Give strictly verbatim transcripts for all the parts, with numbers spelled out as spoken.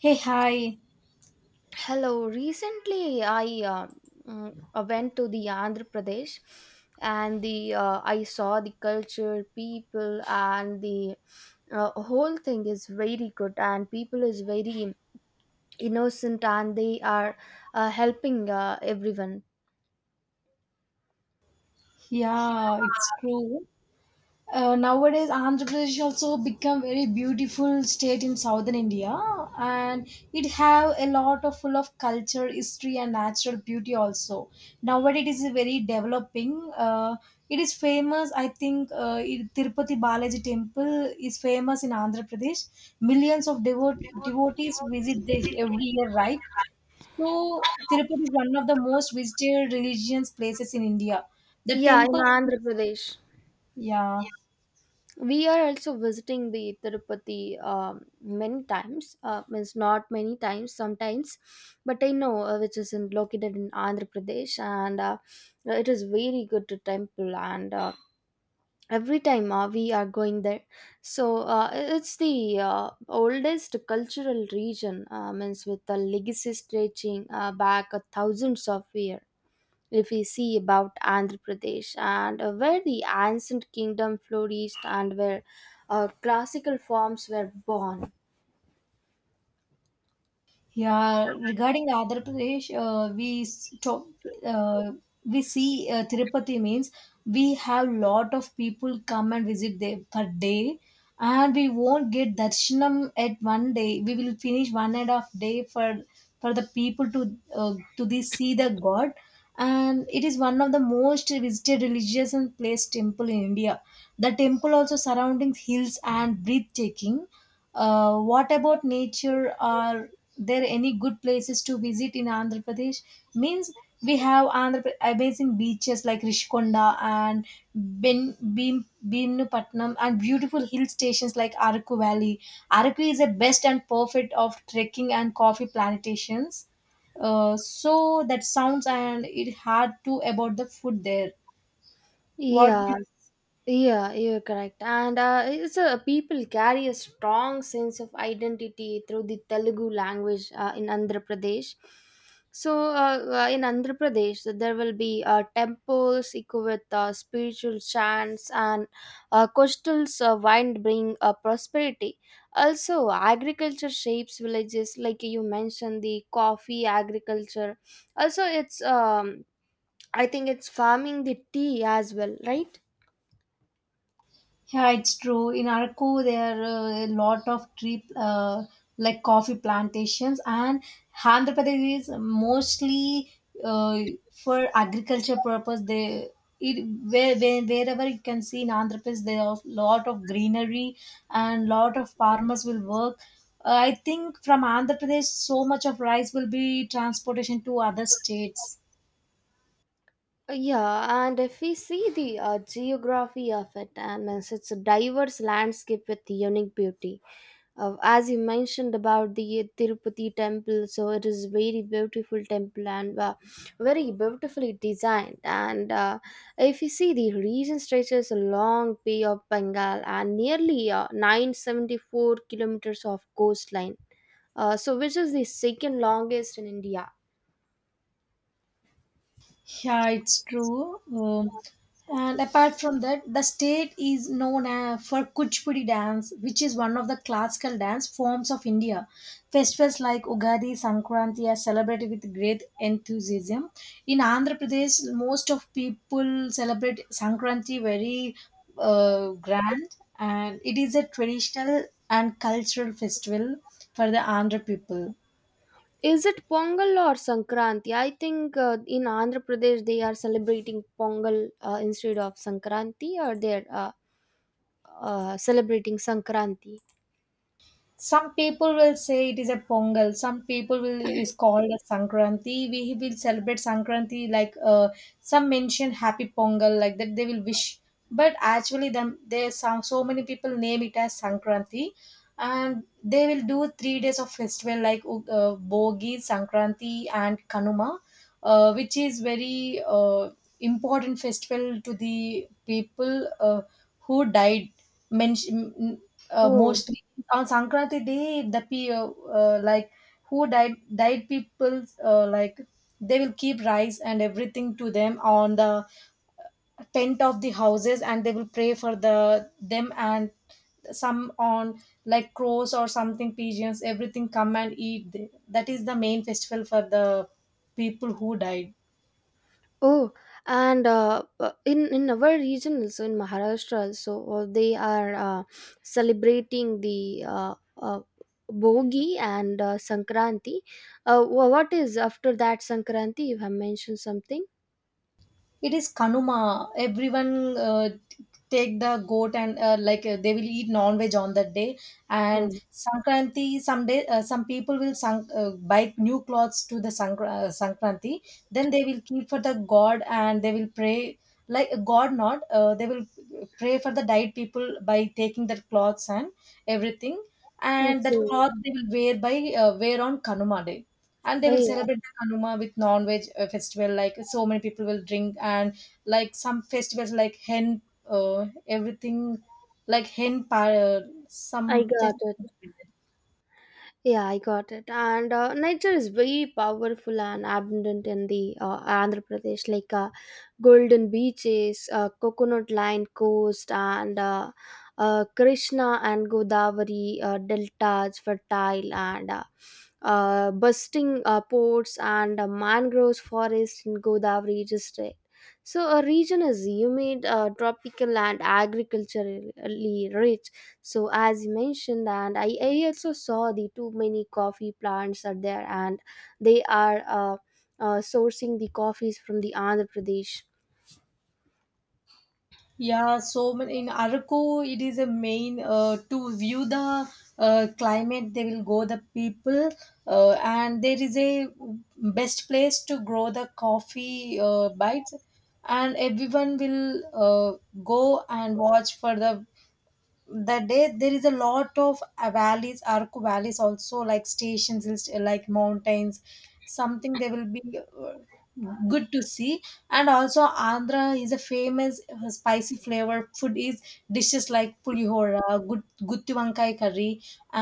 Hey, hi. Hello. Recently, I uh, mm, uh, went to the Andhra Pradesh, and the uh, I saw the culture, people, and the uh, whole thing is very good, and people is very innocent, and they are uh, helping uh, everyone. Yeah, it's true. Uh, nowadays, Andhra Pradesh also become very beautiful state in southern India, and it have a lot of full of culture, history, and natural beauty also. Nowadays, it is very developing. Uh, it is famous. I think uh, it- Tirupati Balaji Temple is famous in Andhra Pradesh. Millions of devote devotees visit there every year, right? So Tirupati is one of the most visited religious places in India. The Yeah, in temple, Andhra Pradesh. yeah. We are also visiting the Tirupati um, many times. Uh, means not many times, sometimes, but I know uh, which is in, located in Andhra Pradesh, and uh, it is very good temple and. Uh, every time uh, we are going there, so uh, it's the uh, oldest cultural region, uh, means with a legacy stretching uh, back a thousands of years if we see about Andhra Pradesh, and uh, where the ancient kingdom flourished, and where uh, classical forms were born. Yeah, regarding Andhra Pradesh, uh, we s- to, uh, we see uh, Tirupati means we have lot of people come and visit there per day, and we won't get darshanam at one day. We will finish one and a half day for for the people to uh, to the see the God, and it is one of the most visited religious and place temple in India. The temple also surrounding hills and breathtaking. Uh, what about nature? Are there any good places to visit in Andhra Pradesh? Means we have Andhra Pra- amazing beaches like Rishikonda and Ben Bim Bimnupatnam and beautiful hill stations like Araku Valley. Araku is the best and perfect of trekking and coffee plantations. Uh, so that sounds and it had to about the food there. What? Yes. Yeah, you're correct. And uh, it's a people carry a strong sense of identity through the Telugu language uh, in Andhra Pradesh. So, uh, uh, in Andhra Pradesh, there will be uh, temples equipped with uh, spiritual chants, and uh, coastals uh, wind bring uh, prosperity. Also, agriculture shapes villages, like you mentioned, the coffee agriculture. Also, it's, um, I think it's farming the tea as well, right? Yeah, it's true. In Araku, there are uh, a lot of tree, uh, like coffee plantations, and Andhra Pradesh is mostly uh, for agriculture purpose. They it where, where wherever you can see in Andhra Pradesh, there are lot of greenery and lot of farmers will work. Uh, I think from Andhra Pradesh, so much of rice will be transportation to other states. Uh, Yeah, and if we see the uh, geography of it, I mean, it's a diverse landscape with unique beauty. Uh, as you mentioned about the Tirupati temple, so it is very beautiful temple, and uh, very beautifully designed. And uh, if you see the region stretches along Bay of Bengal and nearly uh, 974 kilometers of coastline, uh, so which is the second longest in India. Yeah, it's true. Um, and apart from that, the state is known uh, for Kuchipudi dance, which is one of the classical dance forms of India. Festivals like Ugadi, Sankranti are celebrated with great enthusiasm. In Andhra Pradesh, most of people celebrate Sankranti very uh, grand, and it is a traditional and cultural festival for the Andhra people. Is it Pongal or Sankranti? I think uh, in Andhra Pradesh they are celebrating Pongal uh, instead of Sankranti, or they're uh, uh, celebrating Sankranti. Some people will say it is a Pongal. Some people will it is called a Sankranti. We will celebrate Sankranti like, uh, some mention Happy Pongal like that. They will wish, but actually, them there some so many people name it as Sankranti, and they will do three days of festival like uh, Bogi, Sankranti, and Kanuma, uh, which is very uh, important festival to the people uh, who died. Mention, uh, Oh, mostly on Sankranti Day, the pe- uh, uh, like who died died people, uh, like they will keep rice and everything to them on the tent of the houses, and they will pray for the them, and some on like crows or something pigeons everything come and eat there. That is the main festival for the people who died. oh, and uh, uh, in in our region, also in Maharashtra also, uh, they are uh, celebrating the uh, uh, Bogi and uh, Sankranti. Uh, wha- what is after that Sankranti? You have mentioned something. It is kanuma. Everyone uh, t- take the goat and, uh, like uh, they will eat non-veg on that day. Hmm. And sankranti someday, uh, some people will sank, uh, buy new clothes to the Sankra- uh, sankranti, then they will keep for the god and they will pray like god not, uh, they will pray for the died people by taking their clothes and everything, and that Okay, cloth they will wear by uh, wear on kanuma day, and they will I celebrate the Kanuma with non-veg uh, festival. Like so many people will drink, and like some festivals like hen, uh, everything, like hen par, uh, I some got fest- it. Yeah, I got it. And uh, nature is very powerful and abundant in the uh, Andhra Pradesh, like uh, golden beaches, uh, coconut-lined coast, and uh, uh, Krishna and Godavari uh, deltas, fertile, and uh, uh, bursting uh, ports, and uh, mangroves forest in Godavari district. So, a region is humid, uh, tropical, and agriculturally rich, so as you mentioned, and I, I also saw the too many coffee plants are there, and they are uh, uh, sourcing the coffees from the Andhra Pradesh. yeah. So many in Araku, it is a main uh, to view the uh, climate. They will go the people, uh, and there is a best place to grow the coffee uh, bites. And everyone will uh, go and watch for the that day. There is a lot of uh, valleys arku valleys also like stations is- like mountains something they will be uh, good to see. And also andhra is a famous uh, spicy flavor food is dishes like pulihora, good gutti wankai curry,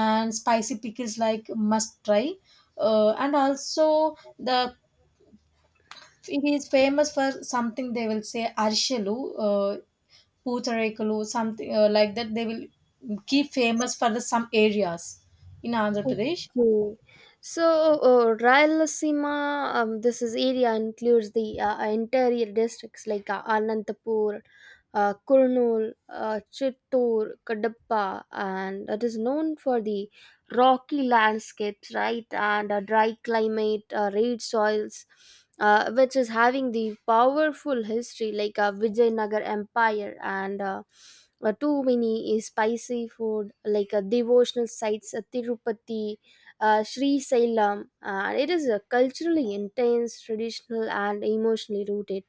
and spicy pickles like must try. Uh, and also the it is famous for something they will say arshalu, uh, Pootarekulu, something uh, like that. They will keep famous for the some areas in Andhra Pradesh. Okay. So, uh, Rayalaseema, um, this is area includes the uh, interior districts like uh, Anantapur, uh, Kurnool, uh, Chittoor, Kadapa, and it is known for the rocky landscapes, right, and a dry climate, uh, red soils, uh, which is having the powerful history like uh, Vijayanagar Empire, and uh, uh, too many is spicy food like uh, devotional sites at Tirupati, uh, Sri Sailam. Uh, it is a culturally intense, traditional, and emotionally rooted.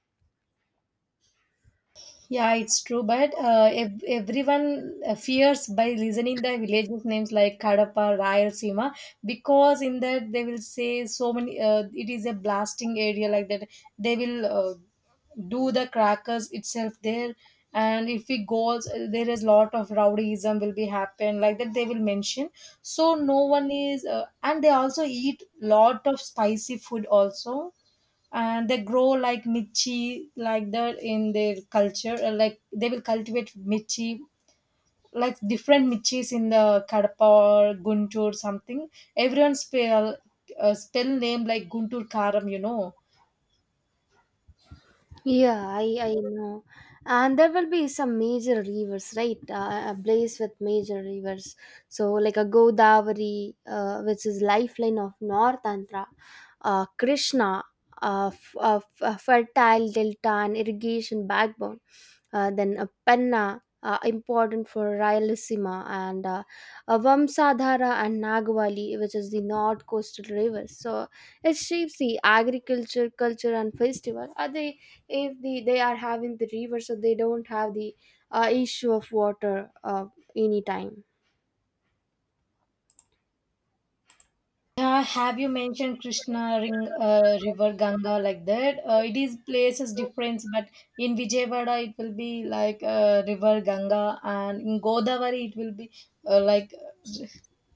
Yeah, it's true, but uh, ev- everyone uh, fears by listening the villages names like Kadapa, Rayalaseema, because in that they will say so many. Uh, it is a blasting area like that. They will uh, do the crackers itself there, and if we go, there is lot of rowdyism will be happen like that. They will mention so no one is, uh, and they also eat lot of spicy food also, and they grow like michi like that in their culture, uh, like they will cultivate michi like different michis in the kadapa or guntur something. Everyone spell uh, spell name like guntur karam, you know. Yeah, I, I know. And there will be some major rivers, right? Uh, a place with major rivers. So, like a Godavari, uh, which is lifeline of North Andhra, uh, Krishna, uh, f- uh, f- uh, fertile delta and irrigation backbone. Uh, then a Penna, uh, important for Rayalaseema, and uh, a Vamsadhara and Nagavali, which is the north coastal rivers. So, it shapes the agriculture, culture, and festival. Are they? If the, they are having the river, so they don't have the uh, issue of water, uh, anytime. Yeah, have you mentioned Krishna Ring, uh, River Ganga like that? Uh, it is places difference, but in Vijayawada it will be like uh, River Ganga, and in Godavari it will be uh, like uh,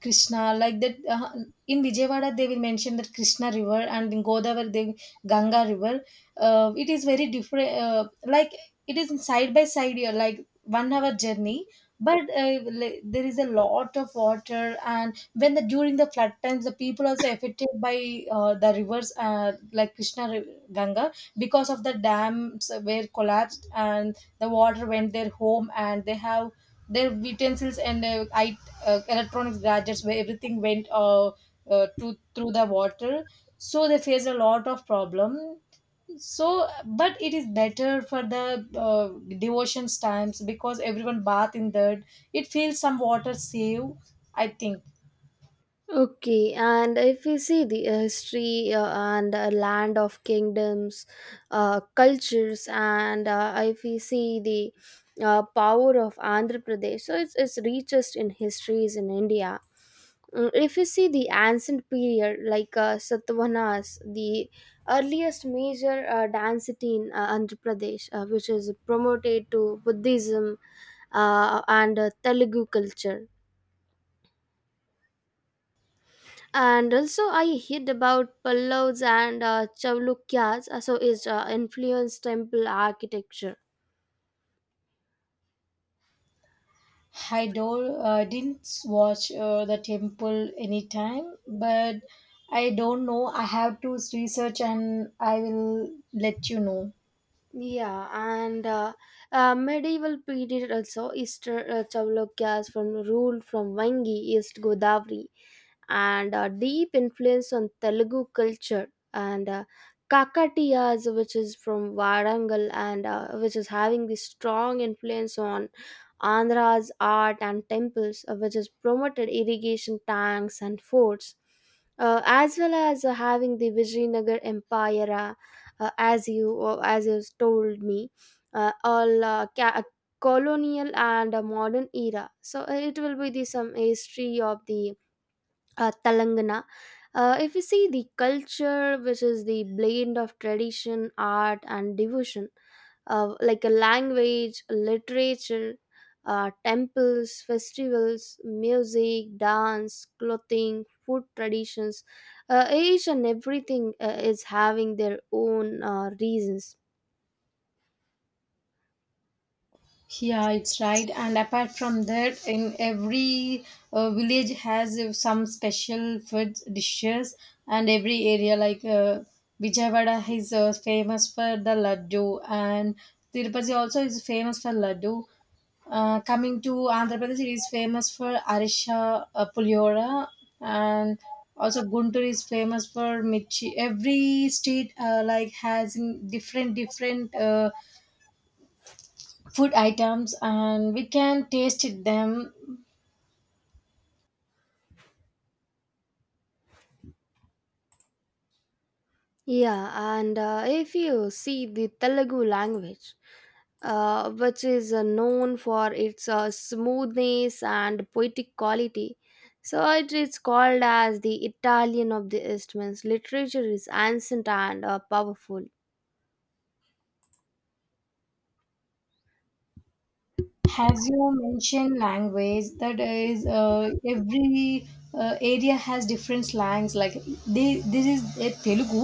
Krishna like that. Uh, in Vijayawada they will mention that Krishna River, and in Godavari they Ganga River. Uh, it is very different. Uh, like it is side by side, here, like one hour journey, but uh, li- there is a lot of water, and when the during the flood times the people also affected by uh, the rivers, uh, like krishna Ri- ganga, because of the dams were collapsed and the water went their home, and they have their utensils and uh, I, uh, electronics gadgets where everything went uh, uh, to through the water. So they faced a lot of problem, so but it is better for the uh, devotions times because everyone bath in that. It feels some water save, I think. Okay, and if we see the uh, history, uh, and uh, land of kingdoms, uh, cultures, and uh, if we see the uh, power of Andhra Pradesh, so it's, it's richest in histories in India. Mm, If you see the ancient period, like uh, Satavahanas, the earliest major uh, dance city in uh, Andhra Pradesh, uh, which is promoted to Buddhism, uh, and uh, Telugu culture. And also, I heard about Pallavas and uh, Chalukyas, uh, so is uh, influenced temple architecture. I don't, uh, Didn't watch uh, the temple anytime, but I don't know. I have to research and I will let you know. Yeah, and uh, uh, medieval period also, Easter uh, Chalukyas from ruled from Vangi, East Godavari, and uh, deep influence on Telugu culture, and uh, Kakatiyas, which is from Varangal, and uh, which is having this strong influence on Andhra's art and temples, uh, which has promoted irrigation tanks and forts, uh, as well as uh, having the Vijayanagar Empire, uh, uh, as you uh, as you told me, uh, all uh, ca- uh, colonial and uh, modern era. So uh, it will be the some history of the uh, Telangana. Uh, if we see the culture, which is the blend of tradition, art, and devotion, uh, like a language, literature, uh, temples, festivals, music, dance, clothing, food traditions, uh, each and everything uh, is having their own uh, reasons. Yeah, it's right. And apart from that, in every uh, village has uh, some special food dishes, and every area like uh, Vijayawada is uh, famous for the laddu, and Tirupati also is famous for laddu. Uh, coming to Andhra Pradesh, it is famous for Arisha, uh, Puliora, and also Guntur is famous for Michi. Every state uh, like has in different different. Uh, food items, and we can taste it them. Yeah, and uh, if you see the Telugu language, uh, which is uh, known for its uh, smoothness and poetic quality, so it is called as the Italian of the East. Means literature is ancient and uh, powerful. As you mentioned language, that is uh, every uh, area has different slangs, like they, this is a telugu,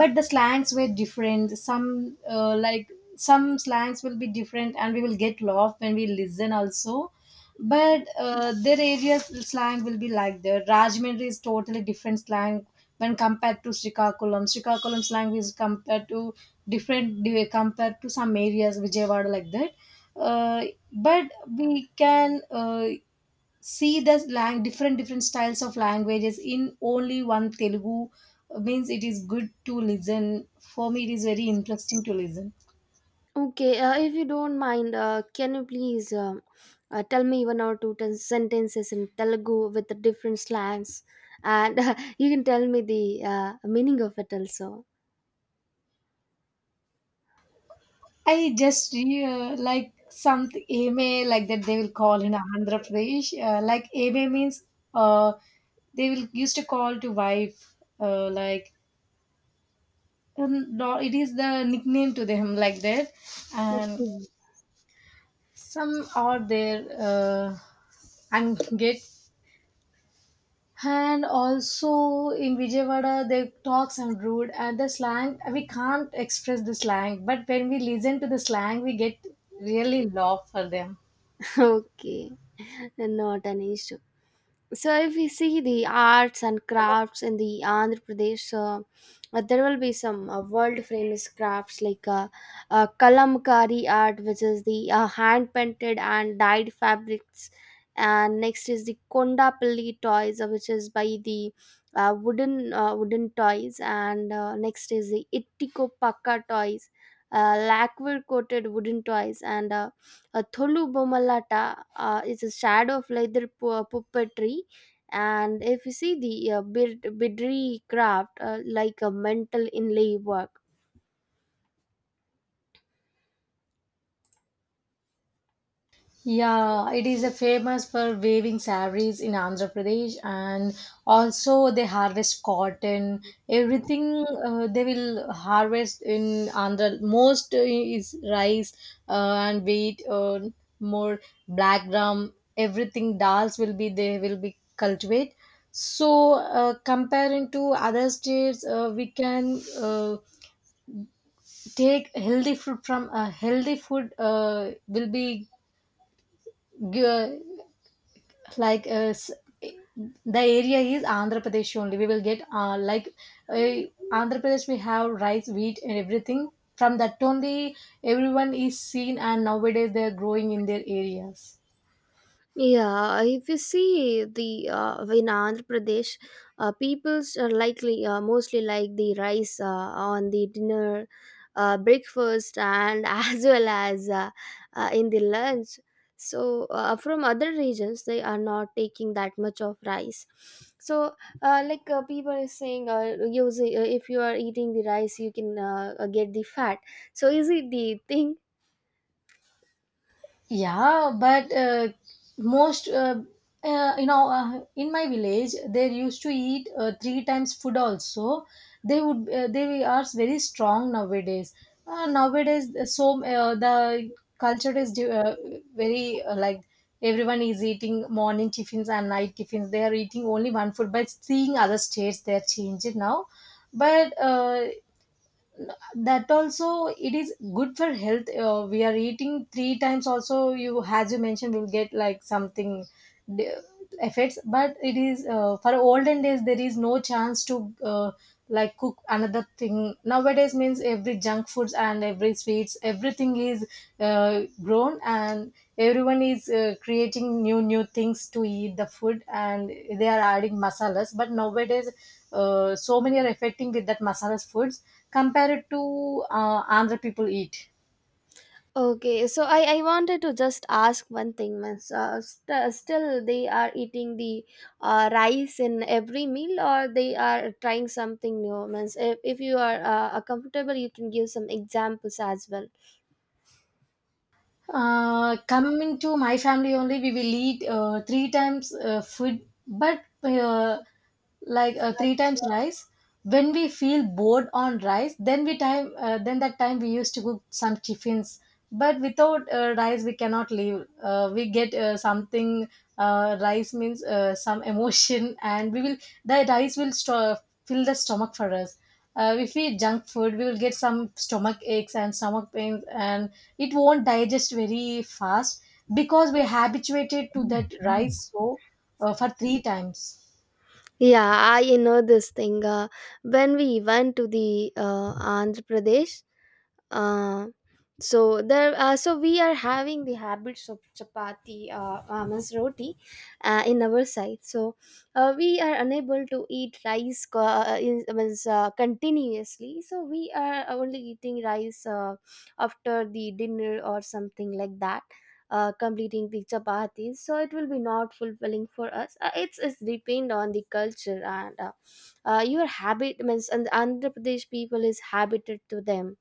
but the slangs were different some, uh, like some slangs will be different and we will get lost when we listen also, but uh, their area's slang will be like that. Rajmundry is totally different slang when compared to Srikakulam. Srikakulam slang is compared to different compared to some areas Vijayawada like that. Uh, but we can uh, see the slang different different styles of languages in only one Telugu. Means it is good to listen. For me, it is very interesting to listen. Okay, uh, if you don't mind, uh, can you please um uh, tell me one or two ten sentences in Telugu with the different slangs, and you can tell me the uh, meaning of it also. I just uh, like some AMA like that they will call in Andhra Pradesh. Uh, like AMA means uh, they will used to call to wife, uh, like um, no, it is the nickname to them like that. And Okay. some are there, uh, and get, and also in Vijayawada they talk some rude, and the slang we can't express the slang, but when we listen to the slang we get really love for them. Okay, not an issue. So if we see the arts and crafts in the Andhra Pradesh, uh, uh, there will be some uh, world famous crafts like uh, uh, kalamkari art, which is the uh, hand painted and dyed fabrics, and next is the kondapalli toys, uh, which is by the uh, wooden uh, wooden toys, and uh, next is the ittiko pakka toys, uh, lacquer coated wooden toys, and uh, a Tholu Bomalata uh, is a shadow of leather pu- puppetry. And if you see the uh, bid- bidri craft, uh, like a mental inlay work. Yeah, it is a famous for weaving sarees in Andhra Pradesh, and also they harvest cotton. Everything uh, they will harvest in Andhra. Most uh, is rice, uh, and wheat, uh, more black gram. Everything dals will be they will be cultivate. So uh, comparing to other states, uh, we can uh, take healthy food from a healthy food uh, will be. gi- like uh, s- the area is andhra pradesh only we will get uh, like uh, andhra pradesh. We have rice wheat and everything from that only everyone is seen, and nowadays they are growing in their areas. Yeah, if you see the uh, in Andhra Pradesh, uh, people's are likely uh, mostly like the rice uh, on the dinner, uh, breakfast, and as well as uh, uh, in the lunch. So uh, from other regions, they are not taking that much of rice. So uh, like uh, people are saying, uh, using, uh, if you are eating the rice, you can uh, uh, get the fat. So is it the thing? Yeah, but uh, most, uh, uh, you know, uh, in my village, they used to eat uh, three times food also. They would, uh, they are very strong nowadays. Uh, nowadays, uh, so uh, the culture is di- uh, very uh, like everyone is eating morning tiffins and night tiffins. They are eating only one food, but seeing other states, they are changing now. But uh, that also it is good for health. Uh, we are eating three times also you as you mentioned will get like something d- effects, but it is uh, for olden days there is no chance to uh, like cook another thing nowadays. Means every junk foods and every sweets everything is uh, grown, and everyone is uh, creating new new things to eat the food, and they are adding masalas, but nowadays uh, so many are affecting with that masalas foods compared to uh, Andhra people eat. Okay, so I, I wanted to just ask one thing, miss. Uh, st- still, they are eating the uh, rice in every meal, or they are trying something new, miss. If, if you are uh, comfortable, you can give some examples as well. Uh, coming to my family only, we will eat uh, three times uh, food, but uh, like uh, three times rice. When we feel bored on rice, then we time uh, then that time we used to cook some chiffins. But without uh, rice, we cannot live. Uh, we get uh, something. Uh, rice means uh, some emotion, and we will the rice will sto- fill the stomach for us. Uh, if we eat junk food, we will get some stomach aches and stomach pains, and it won't digest very fast because we habituated to that rice, so uh, for three times. Yeah, I know this thing. Uh, when we went to the uh, Andhra Pradesh, uh, so there, uh, so we are having the habits of chapati, uh, uh, means roti uh, in our side, so uh, we are unable to eat rice co- uh, in, means, uh, continuously, so we are only eating rice uh, after the dinner or something like that, uh, completing the chapatis, so it will be not fulfilling for us, uh, it's it's depend on the culture, and uh, uh, your habit means, and the Andhra Pradesh people is habited to them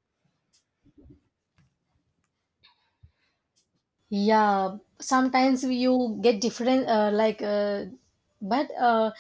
Yeah, sometimes you get different uh, like, uh, but uh,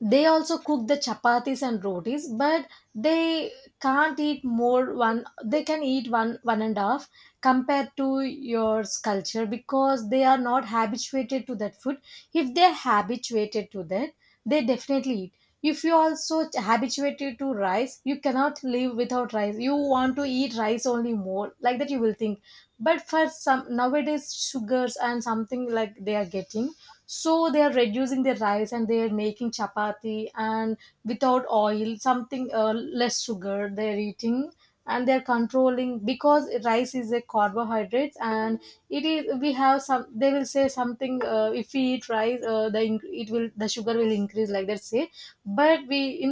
they also cook the chapatis and rotis, but they can't eat more one. They can eat one one and a half compared to your culture because they are not habituated to that food. If they're habituated to that, they definitely eat. If you also habituated to rice, you cannot live without rice. You want to eat rice only more like that you will think. But for some nowadays sugars and something like they are getting, so they are reducing their rice and they are making chapati and without oil something, uh, less sugar they are eating, and they are controlling because rice is a carbohydrates, and it is we have some they will say something, uh, if we eat rice, uh, the inc- it will the sugar will increase like that say. But we in